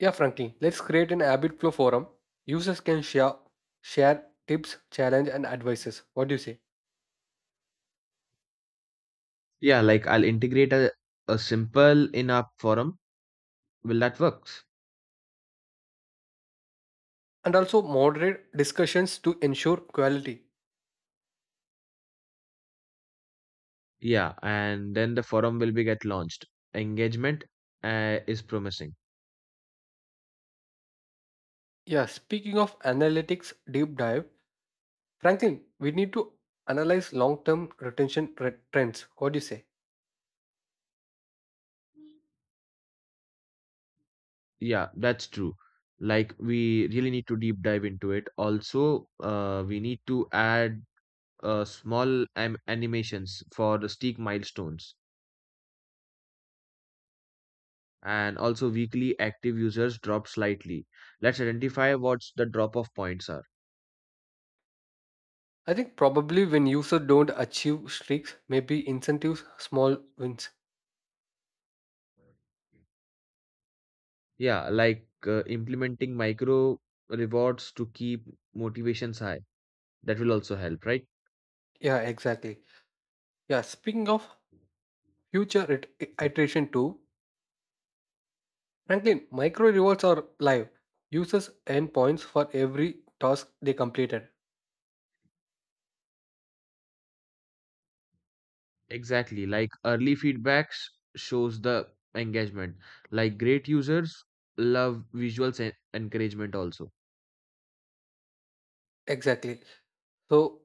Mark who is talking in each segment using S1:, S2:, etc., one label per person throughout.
S1: Yeah, Frankie, let's create an habit flow forum. Users can share tips, challenge, and advices. What do you say?
S2: Yeah, like I'll integrate a simple in-app forum. Will that works?
S1: And also moderate discussions to ensure quality.
S2: Yeah, and then the forum will be get launched. Engagement is promising.
S1: Yeah, speaking of analytics deep dive, Franklin, we need to analyze long-term trends. What do you say?
S2: Yeah, that's true. Like we really need to deep dive into it. Also, we need to add small am animations for the steep milestones. And also weekly active users drop slightly. Let's identify what's the drop-off points are.
S1: I think probably when users don't achieve streaks, maybe incentives, small wins.
S2: Yeah, like implementing micro rewards to keep motivations high. That will also help, right?
S1: Yeah, exactly. Yeah, speaking of future iteration too, Franklin, micro rewards are live. Users earn points for every task they completed.
S2: Exactly. Like early feedbacks shows the engagement. Like great users love visuals and encouragement also.
S1: Exactly. So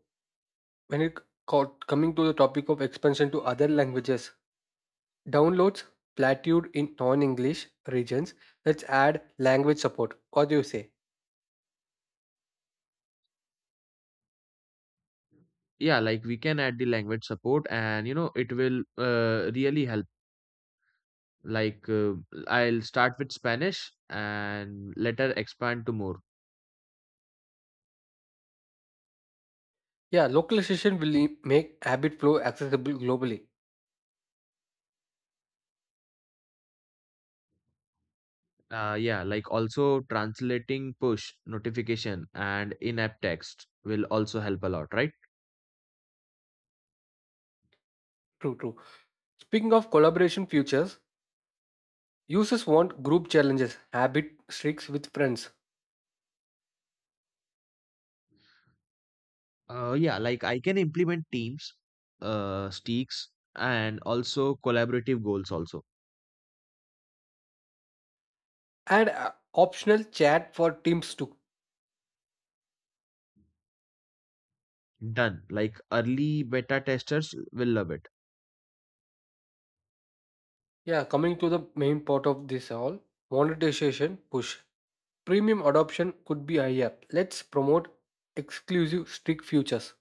S1: when it coming to the topic of expansion to other languages, downloads plateaued in non-English regions. Let's add language support. What do you say?
S2: Yeah, like we can add the language support and you know it will really help. Like I'll start with Spanish and later expand to more.
S1: Yeah, localization will make habit flow accessible globally.
S2: Yeah, like also translating push notification and in-app text will also help a lot, right?
S1: True, true. Speaking of collaboration features, users want group challenges, habit streaks with friends,
S2: Yeah, like I can implement teams, sticks, and also collaborative goals also.
S1: and optional chat for teams too.
S2: Done. Like early beta testers will love it.
S1: Yeah, coming to the main part of this all, monetization push. Premium adoption could be higher. Let's promote exclusive strict features,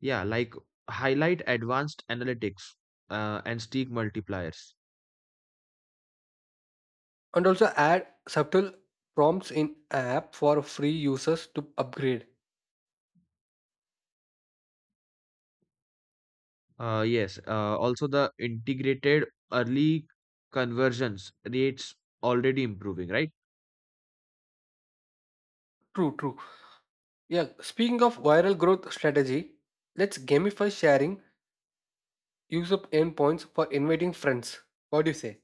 S2: Yeah, like highlight advanced analytics, and stick multipliers.
S1: and also add subtle prompts in app for free users to upgrade.
S2: Yes, also the integrated early conversions rates already improving, right?
S1: True, true. Yeah, speaking of viral growth strategy, let's gamify sharing, use up endpoints for inviting friends. What do you say?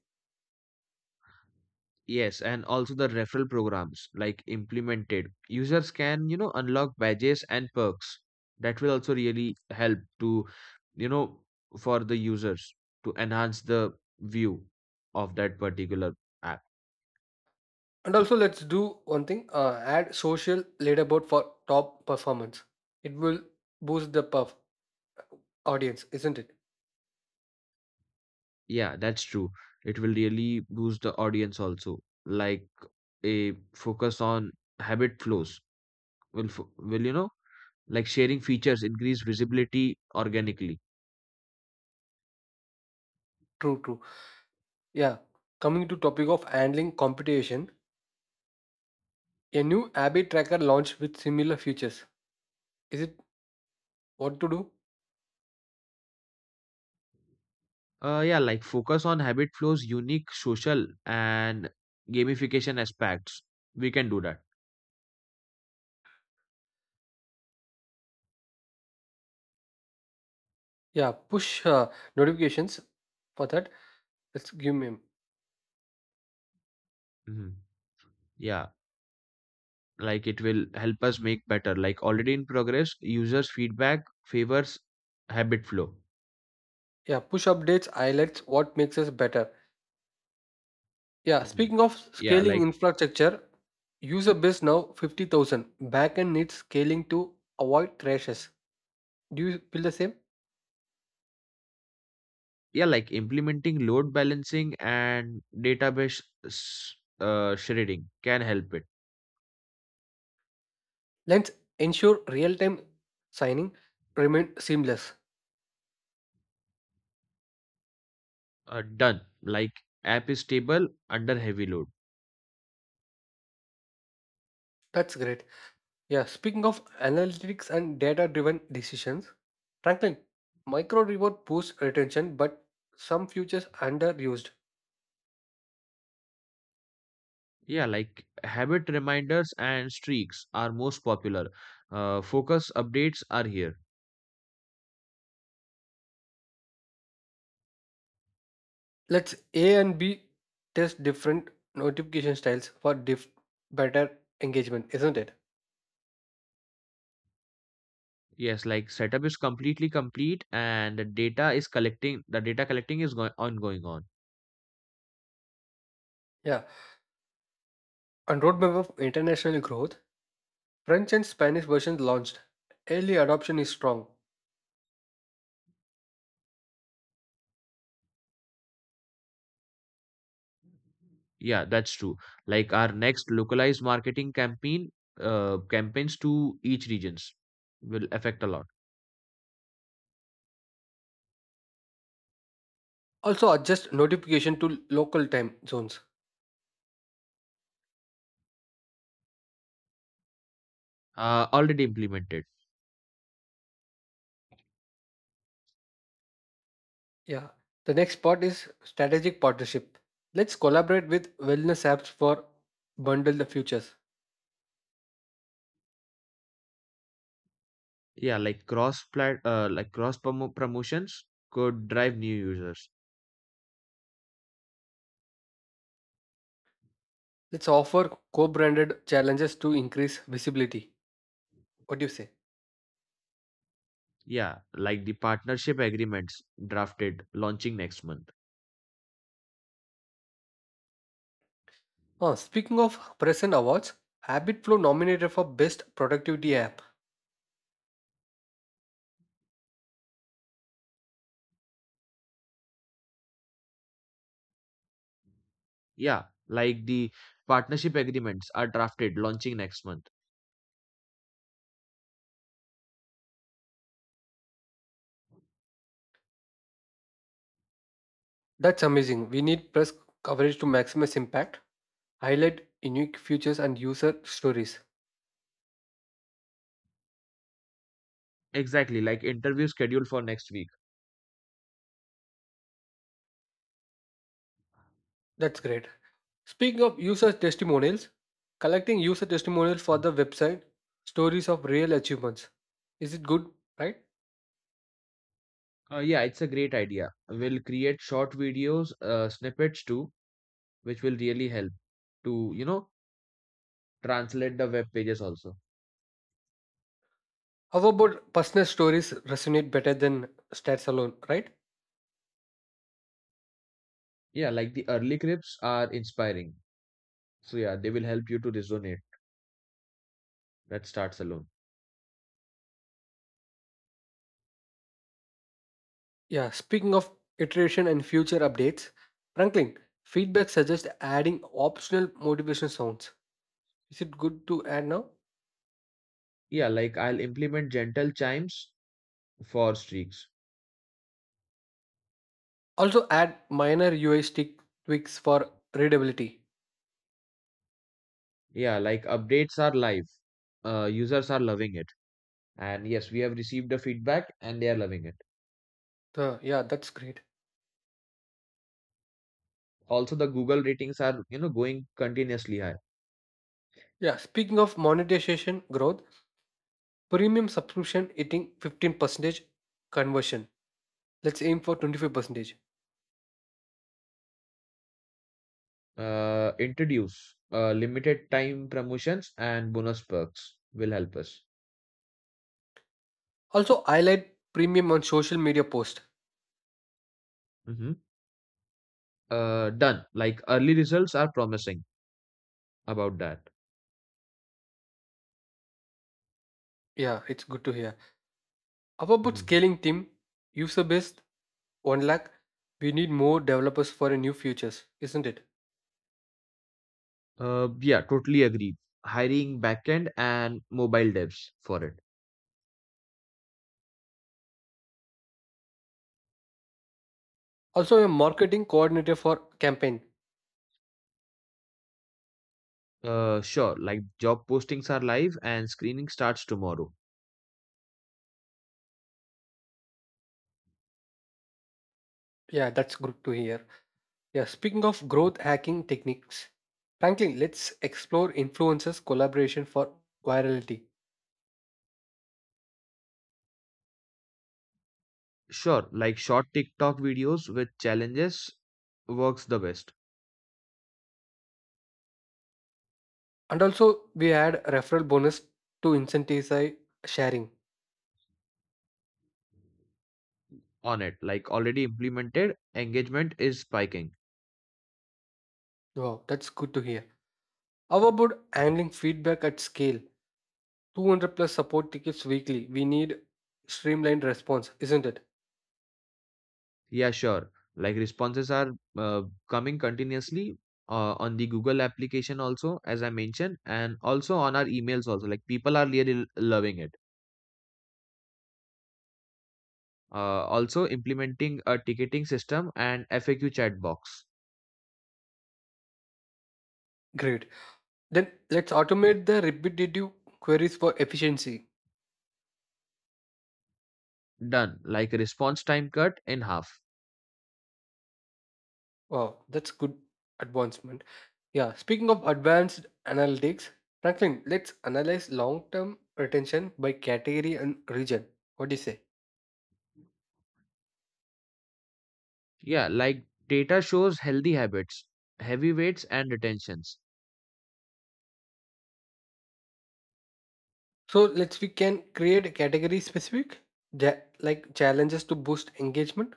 S2: Yes, and also the referral programs like implemented. Users can, you know, unlock badges and perks. That will also really help to, you know, for the users to enhance the view of that particular app.
S1: And also let's do one thing, add social leaderboard for top performance. It will boost the performance audience, isn't it?
S2: Yeah, that's true. It will really boost the audience also. Like a focus on habit flows will, you know, like sharing features increase visibility organically.
S1: True, true. Yeah. Coming to topic of handling competition, a new Abbey tracker launched with similar features. Is it what to do?
S2: Yeah, like focus on habit flow's unique social and gamification aspects. We can do that.
S1: Yeah, push notifications for that. Let's give me.
S2: Mhm. Yeah, like it will help us make better. Like already in progress, users' feedback favors habit flow.
S1: Yeah, push updates highlights what makes us better. Yeah,
S2: Mhm.
S1: speaking of
S2: Yeah,
S1: scaling infrastructure, user base now 50,000. Backend needs scaling to avoid crashes. Do you feel the same?
S2: like implementing load balancing and database shredding can help it.
S1: Let's ensure real-time signing remain seamless.
S2: Done. Like app is stable under heavy load.
S1: That's great. Yeah, speaking of analytics and data driven decisions, Franklin, micro reward boosts retention, but some features underused.
S2: Yeah, like habit reminders and streaks are most popular. Focus updates are here.
S1: Let's A and B test different notification styles for better engagement, isn't it?
S2: Yes, like setup is completely complete and the data is collecting, the data collecting is going on.
S1: Yeah. On roadmap of international growth, French and Spanish versions launched. Early adoption is strong.
S2: Yeah, that's true. Like our next localized marketing campaigns to each regions will affect a lot.
S1: Also, adjust notification to local time zones.
S2: Already implemented.
S1: Yeah. The next part is strategic partnership. Let's collaborate with wellness apps for bundle the futures.
S2: Yeah, like like cross promotions could drive new users.
S1: Let's offer co-branded challenges to increase visibility. What do you say?
S2: Yeah, like the partnership agreements drafted launching next month.
S1: Oh, speaking of present awards, HabitFlow nominated for best productivity app.
S2: Yeah, like the partnership agreements are drafted launching next month.
S1: That's amazing. We need press coverage to maximize impact, highlight unique features and user stories.
S2: Exactly, like interview scheduled for next week.
S1: That's great. Speaking of user testimonials, collecting user testimonials for the website, stories of real achievements. Is it good, right?
S2: Yeah, it's a great idea. We'll create short videos, snippets too, which will really help to, you know, translate the web pages also.
S1: How about personal stories resonate better than stats alone, right?
S2: Yeah, like the early clips are inspiring. So yeah, they will help you to resonate. That starts alone.
S1: Yeah, speaking of iteration and future updates, Franklin, feedback suggests adding optional motivation sounds. Is it good to add now?
S2: Yeah, like I'll implement gentle chimes for streaks.
S1: Also, add minor UI stick tweaks for readability.
S2: Yeah, like updates are live. Users are loving it. And yes, we have received the feedback and they are loving it.
S1: So, yeah, that's great.
S2: Also, the Google ratings are, you know, going continuously high.
S1: Yeah, speaking of monetization growth, premium subscription hitting 15% conversion. Let's aim for 25%.
S2: Introduce limited time promotions and bonus perks will help us.
S1: Also, highlight premium on social media post.
S2: hmm done. Like early results are promising about that.
S1: Yeah, it's good to hear. How about
S2: hmm
S1: scaling team? User base 1 lakh. We need more developers for a new features, isn't it?
S2: yeah, totally agree. Hiring backend and mobile devs for it.
S1: Also, a marketing coordinator for campaign.
S2: Sure. Like job postings are live and screening starts tomorrow.
S1: Yeah, that's good to hear. Yeah, speaking of growth hacking techniques, frankly, let's explore influencers collaboration for virality.
S2: Sure, like short TikTok videos with challenges works the best
S1: And also, we add referral bonus to incentivize sharing.
S2: on it. Like already implemented, engagement is spiking.
S1: Wow, that's good to hear. How about handling feedback at scale? 200 plus support tickets weekly. We need streamlined response, isn't it?
S2: Yeah, sure. Like responses are uh, coming continuously on the Google application also, as I mentioned, and also on our emails also. Like people are really loving it. Also implementing a ticketing system and FAQ chat box.
S1: Great. Then let's automate the repetitive queries for efficiency.
S2: Done. Like response time cut in half.
S1: Wow, that's good advancement. Yeah, speaking of advanced analytics, Franklin, let's analyze long term retention by category and region. What do you say?
S2: Yeah, like data shows healthy habits, heavy weights, and retentions.
S1: So let's we can create a category specific like challenges to boost engagement.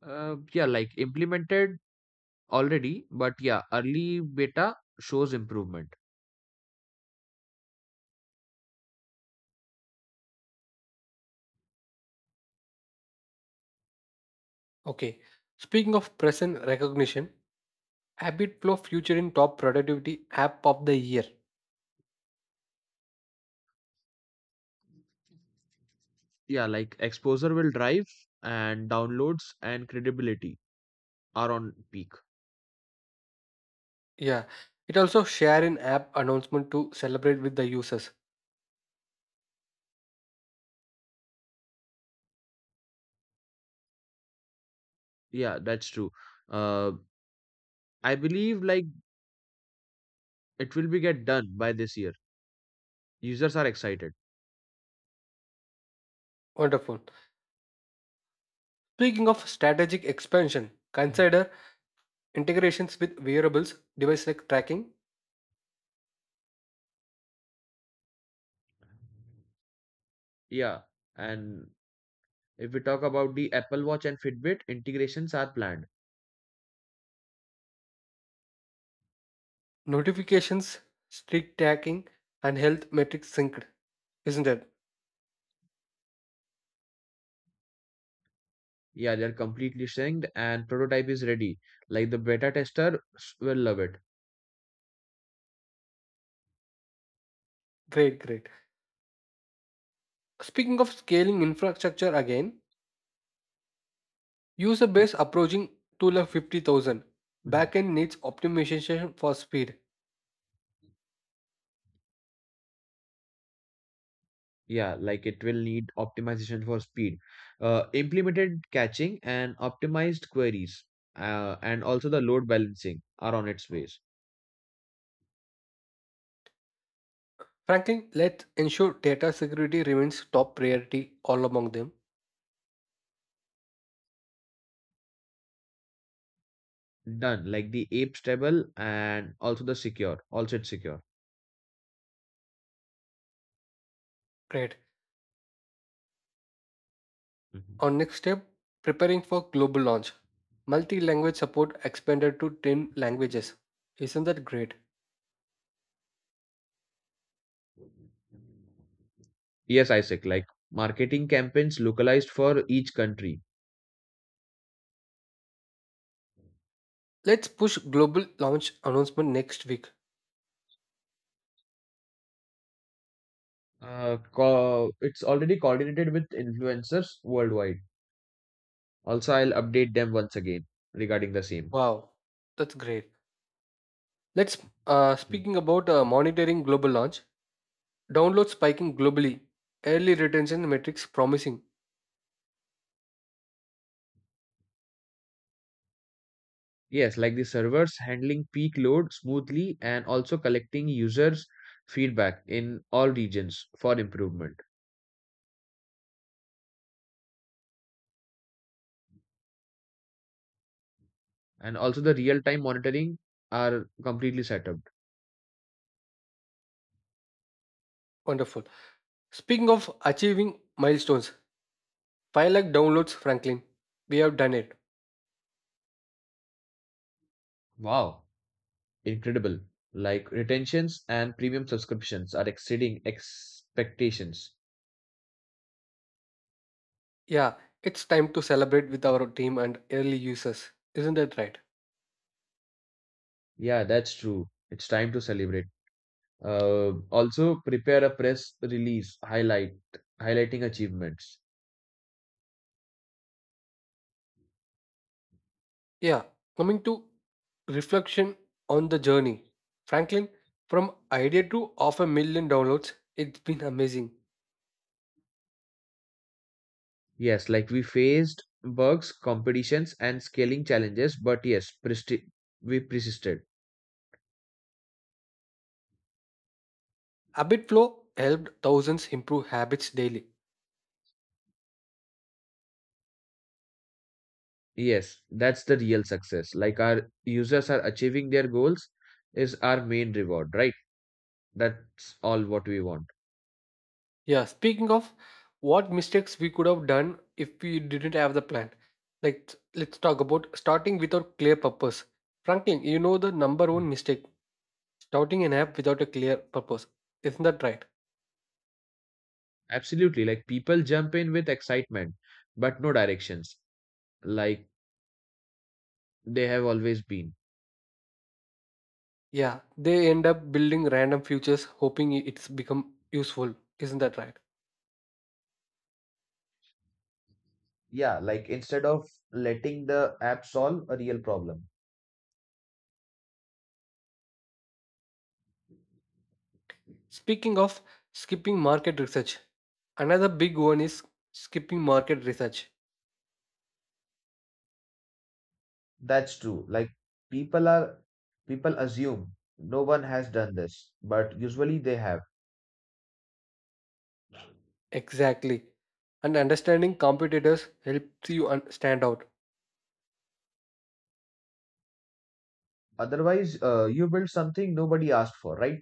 S2: Yeah, like implemented already, but yeah, early beta shows improvement.
S1: Okay. Speaking of present recognition, HabitFlow Future in Top Productivity App of the Year.
S2: Yeah, like exposure will drive, and downloads and credibility are on peak.
S1: Yeah. It also share an app announcement to celebrate with the users.
S2: Yeah, that's true. Uh, I believe like it will be get done by this year. Users are excited.
S1: Wonderful. Speaking of strategic expansion,
S2: Mhm.
S1: consider integrations with wearables, device like tracking,
S2: Yeah, and if we talk about the Apple Watch and Fitbit, integrations are planned.
S1: notifications, streak tracking, and health metrics synced. Isn't it?
S2: Yeah, they're completely synced and prototype is ready. Like the beta tester will love it.
S1: Great, great. Speaking of scaling infrastructure again, user base approaching two lakh 50,000.
S2: Mhm.
S1: Backend needs optimization for speed.
S2: Yeah, like it will need optimization for speed, implemented catching and optimized queries, and also the load balancing are on its ways.
S1: Frankly, let's ensure data security remains top priority all among them.
S2: Done. Like the ape stable and also the secure. Also it's secure.
S1: Great.
S2: Mhm.
S1: Our next step preparing for global launch. Multi language support expanded to 10 languages. Isn't that great?
S2: Yes, Isaac. Like marketing campaigns localized for each country.
S1: Let's push global launch announcement next week.
S2: It's already coordinated with influencers worldwide. Also, I'll update them once again regarding the same.
S1: Wow, that's great. Let's
S2: Mhm.
S1: speaking about monitoring global launch. Download spiking globally. Early retention metrics promising.
S2: Yes, like the servers handling peak load smoothly and also collecting users' feedback in all regions for improvement. And also the real-time monitoring are completely set up.
S1: Wonderful. Speaking of achieving milestones, 5 lakh downloads, Franklin. We have done it.
S2: Wow, incredible. Like retentions and premium subscriptions are exceeding expectations.
S1: Yeah, it's time to celebrate with our team and early users. Isn't that right?
S2: Yeah, that's true. It's time to celebrate. Also prepare a press release highlighting achievements.
S1: Yeah, coming to reflection on the journey. Franklin, from idea to half a million downloads, it's been amazing.
S2: Yes, like we faced bugs, competitions, and scaling challenges, but yes, we persisted.
S1: Habit Flow helped thousands improve habits daily.
S2: Yes, that's the real success. Like our users are achieving their goals is our main reward, right? That's all what we want.
S1: Yeah, speaking of what mistakes we could have done if we didn't have the plan. Like let's talk about starting without clear purpose. Franklin, you know the number
S2: Mhm.
S1: one mistake, starting an app without a clear purpose. Isn't that right?
S2: Absolutely. Like people jump in with excitement, but no directions, like they have always been.
S1: Yeah, they end up building random futures hoping it's become useful. Isn't that right?
S2: Yeah, like instead of letting the app solve a real problem.
S1: Speaking of skipping market research, another big one is skipping market research.
S2: That's true. Like people are people assume no one has done this, but usually they have.
S1: Exactly. And understanding competitors helps you stand out.
S2: Otherwise, you build something nobody asked for, right?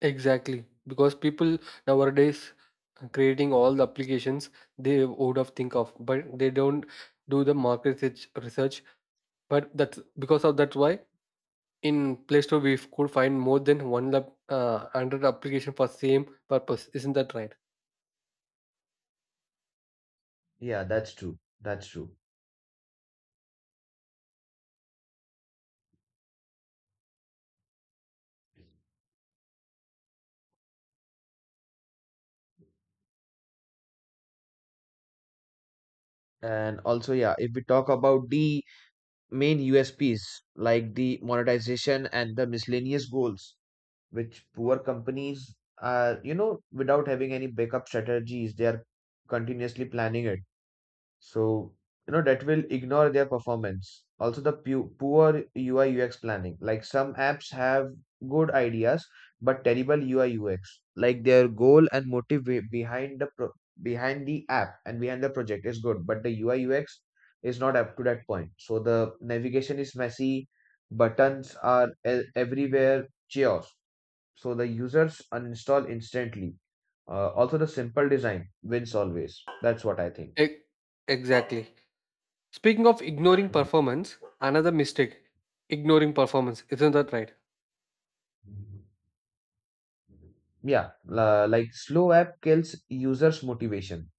S1: Exactly, because people nowadays creating all the applications they would have think of, but they don't do the market research. But that's because of that's why in Play Store we could find more than one lab, Android application for same purpose. Isn't that right?
S2: Yeah, that's true. And also, yeah, if we talk about the main USPs like the monetization and the miscellaneous goals, which poor companies are, you know, without having any backup strategies, they are continuously planning it. So, you know, that will ignore their performance. Also, the poor UI UX planning. Like some apps have good ideas, but terrible UI UX. Like their goal and motive behind the behind the app and behind the project is good, but the UI UX is not up to that point. So the navigation is messy, buttons are everywhere, chaos. So the users uninstall instantly. Also, the simple design wins always. That's what I think.
S1: E- Exactly. Speaking of ignoring performance, another mistake. Ignoring performance. Isn't that right?
S2: Mhm. Yeah, like slow app kills users' motivation.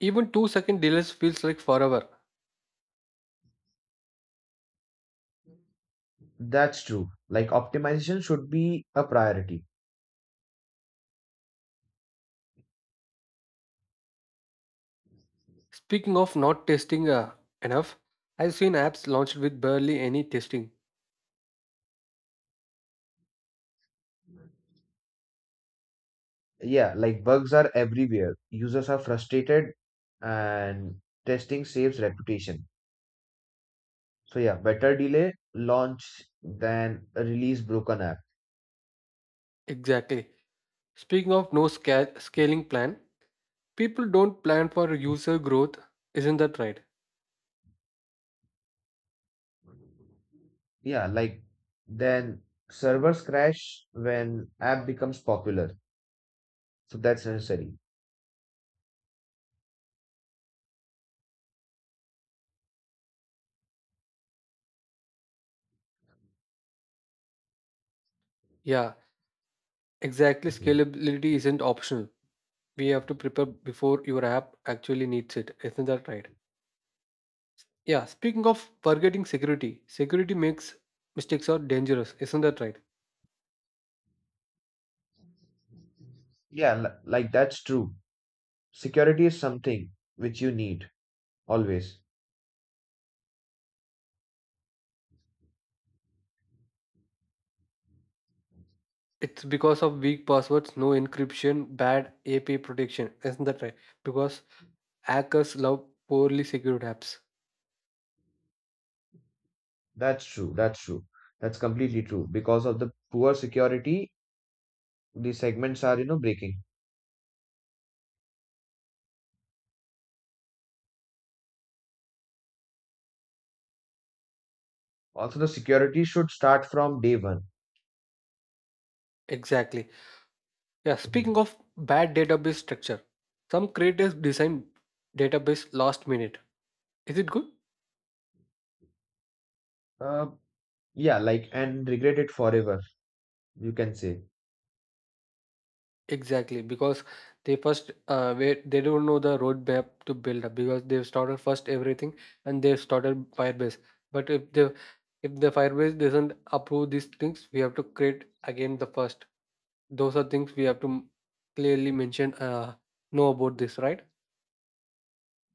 S1: Even 2 second delays feels like forever.
S2: That's true. Like optimization should be a priority.
S1: Speaking of not testing enough, I've seen apps launched with barely any testing.
S2: Yeah, like bugs are everywhere. Users are frustrated and testing saves reputation. So yeah, better delay launch than a release broken app.
S1: Exactly. Speaking of no scaling plan, people don't plan for user growth. Isn't that right?
S2: Yeah, like then servers crash when app becomes popular. So that's necessary.
S1: Yeah, exactly.
S2: Mhm.
S1: Scalability isn't optional. We have to prepare before your app actually needs it. Isn't that right? Yeah, speaking of forgetting security, security makes mistakes are dangerous. Isn't that right?
S2: Yeah, like that's true. Security is something which you need. Always.
S1: It's because of weak passwords, no encryption, bad API protection. Isn't that right? Because hackers love poorly secured apps.
S2: That's true. That's completely true. Because of the poor security, the segments are, you know, breaking. Also, the security should start from day one.
S1: Exactly. Yeah, speaking
S2: Mhm.
S1: of bad database structure, some creators design database last minute. Is it good?
S2: Uh, yeah, like, and regret it forever, you can say.
S1: Exactly, because they first wait, they don't know the roadmap to build up because they've started first everything, and they've started Firebase. But if the Firebase doesn't approve these things, we have to create again the first. Those are things we have to clearly mention. Know about this, right?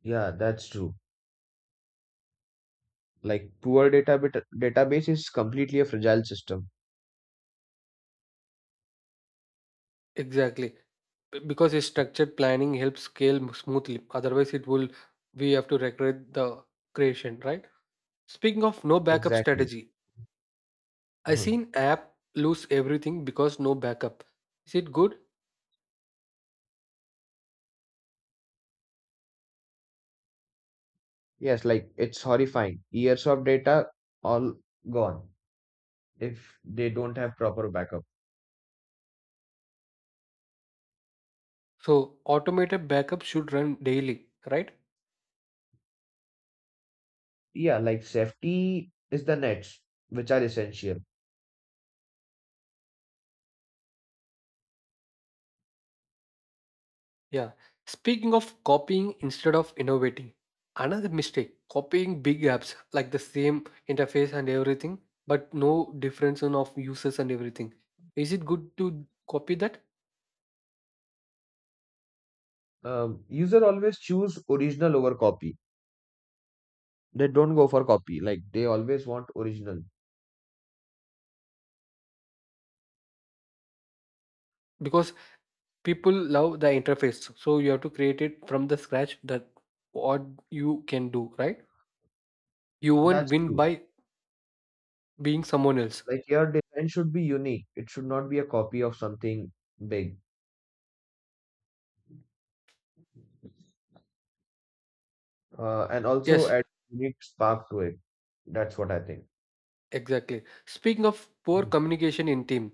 S2: Yeah, that's true. Like, poor database is completely a fragile system.
S1: Exactly. Because a structured planning helps scale smoothly, otherwise it will, we have to regret the creation, right? Speaking of no backup
S2: Exactly.
S1: strategy, I
S2: Mhm.
S1: seen app lose everything because no backup. Is it good?
S2: Yes, like, it's horrifying. Years of data all gone if they don't have proper backup.
S1: So automated backup should run daily, right?
S2: Yeah, like safety is the nets, which are essential.
S1: Yeah, speaking of copying instead of innovating, another mistake copying big apps like the same interface and everything, but no difference in of users and everything. Is it good to copy that?
S2: User always choose original over copy. They don't go for copy. Like they always want original.
S1: Because people love the interface, so you have to create it from the scratch, that what you can do, right? You won't
S2: That's
S1: win
S2: true.
S1: by being someone else.
S2: Like your design should be unique. It should not be a copy of something big. And also
S1: Yes,
S2: add unique spark to it. That's what I think.
S1: exactly. Speaking of poor
S2: Mhm.
S1: communication in team,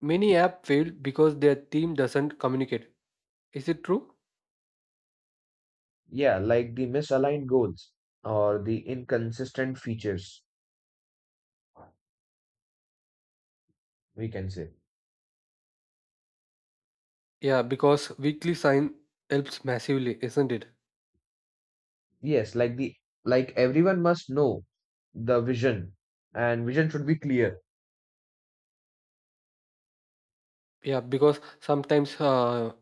S1: many app fail because their team doesn't communicate. Is it true?
S2: Yeah, like the misaligned goals or the inconsistent features, we can say.
S1: Yeah, because weekly sign helps massively, isn't it?
S2: Yes, like everyone must know the vision, and vision should be clear.
S1: Yeah, because sometimes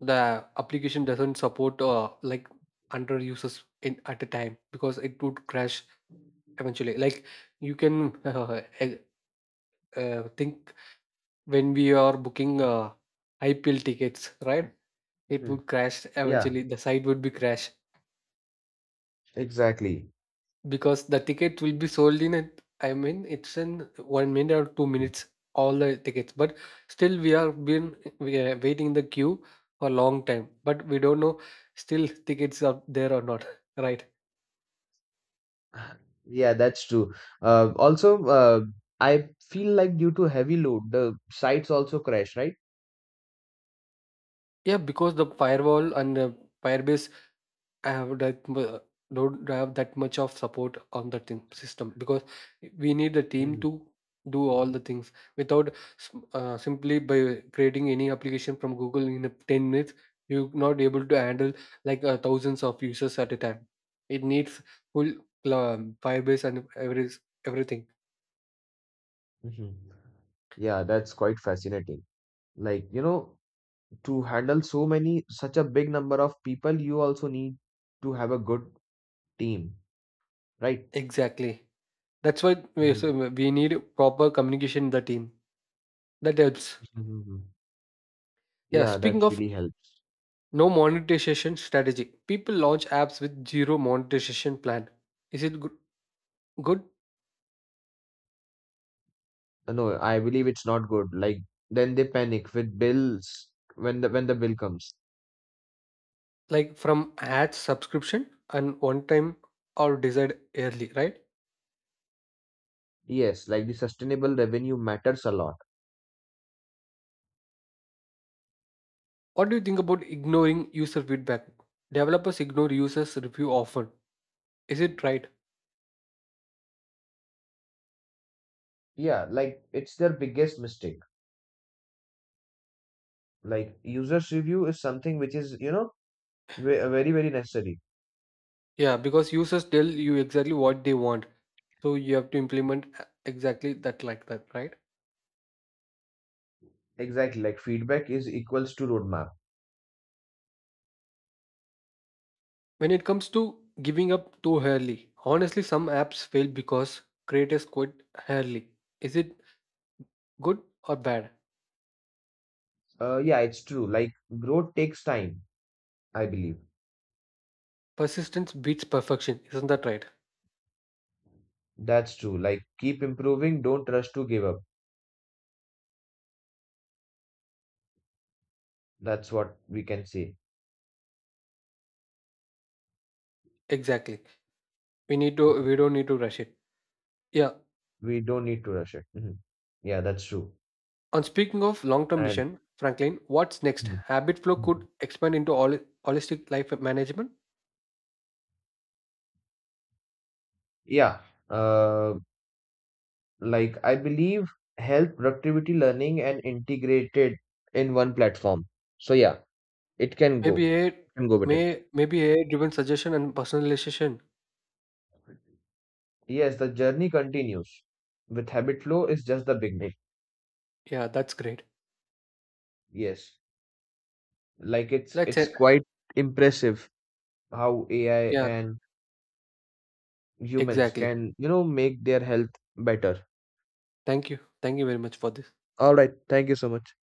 S1: the application doesn't support like under users in at a time because it would crash. Eventually, like you can think when we are booking IPL tickets, right? It
S2: Mhm.
S1: would crash
S2: Yeah,
S1: eventually. The site would be crashed
S2: exactly.
S1: because the ticket will be sold in. It, I mean, it's in 1 minute or 2 minutes. All the tickets, but still we are waiting in the queue for a long time. But we don't know still tickets are there or not, right?
S2: Yeah, that's true. Also, I feel like due to heavy load, the sites also crash, right?
S1: Yeah, because the firewall and the Firebase I have that mu- don't have that much of support on the team system, because we need the team
S2: Mhm.
S1: to do all the things without simply by creating any application from Google in a 10 minutes. You're not able to handle like thousands of users at a time. It needs full firebase and everything.
S2: Mhm. Yeah, that's quite fascinating. Like, you know, to handle so many, such a big number of people, you also need to have a good team, right?
S1: Exactly, that's why we,
S2: Mhm.
S1: so we need proper communication in the team. That helps.
S2: Mhm, mhm.
S1: Yeah,
S2: Yeah, that
S1: speaking of
S2: really helps.
S1: no monetization strategy. People launch apps with zero monetization plan. Is it good?
S2: No, I believe it's not good. Like then they panic with bills when the bill comes.
S1: Like from ads, subscription, and one time or desired early, right?
S2: Yes, like the sustainable revenue matters a lot.
S1: What do you think about ignoring user feedback? Developers ignore users' review often. Is it right?
S2: Yeah, like it's their biggest mistake. Like users review is something which is, you know, very very necessary.
S1: Yeah, because users tell you exactly what they want. So you have to implement exactly that, like that, right?
S2: Exactly, like feedback is equals to roadmap.
S1: When it comes to giving up too early, honestly, some apps fail because creators quit early. Is it good or bad?
S2: Yeah, it's true. Like growth takes time, I believe.
S1: Persistence beats perfection, isn't that right?
S2: That's true. Like keep improving, don't rush to give up. That's what we can say.
S1: Exactly, we need to, we don't need to rush it. Yeah.
S2: We don't need to rush it. Mhm. Yeah, that's true.
S1: On speaking of long-term
S2: And
S1: vision, Franklin, what's next?
S2: Mhm.
S1: Habit flow
S2: Mhm.
S1: could expand into all holistic life management.
S2: Yeah, uh, like I believe health, productivity, learning, and integrated in one platform. So yeah, it can
S1: Maybe
S2: go.
S1: a,
S2: it can go with it.
S1: may, maybe a driven suggestion and personalization.
S2: Yes, the journey continues. With habit flow is just the beginning.
S1: Yeah, that's great.
S2: Yes, like it's
S1: Let's
S2: it's
S1: end.
S2: quite impressive how AI
S1: Yeah,
S2: and humans
S1: exactly.
S2: can, you know, make their health better.
S1: Thank you, thank you very much for this.
S2: All right, thank you so much.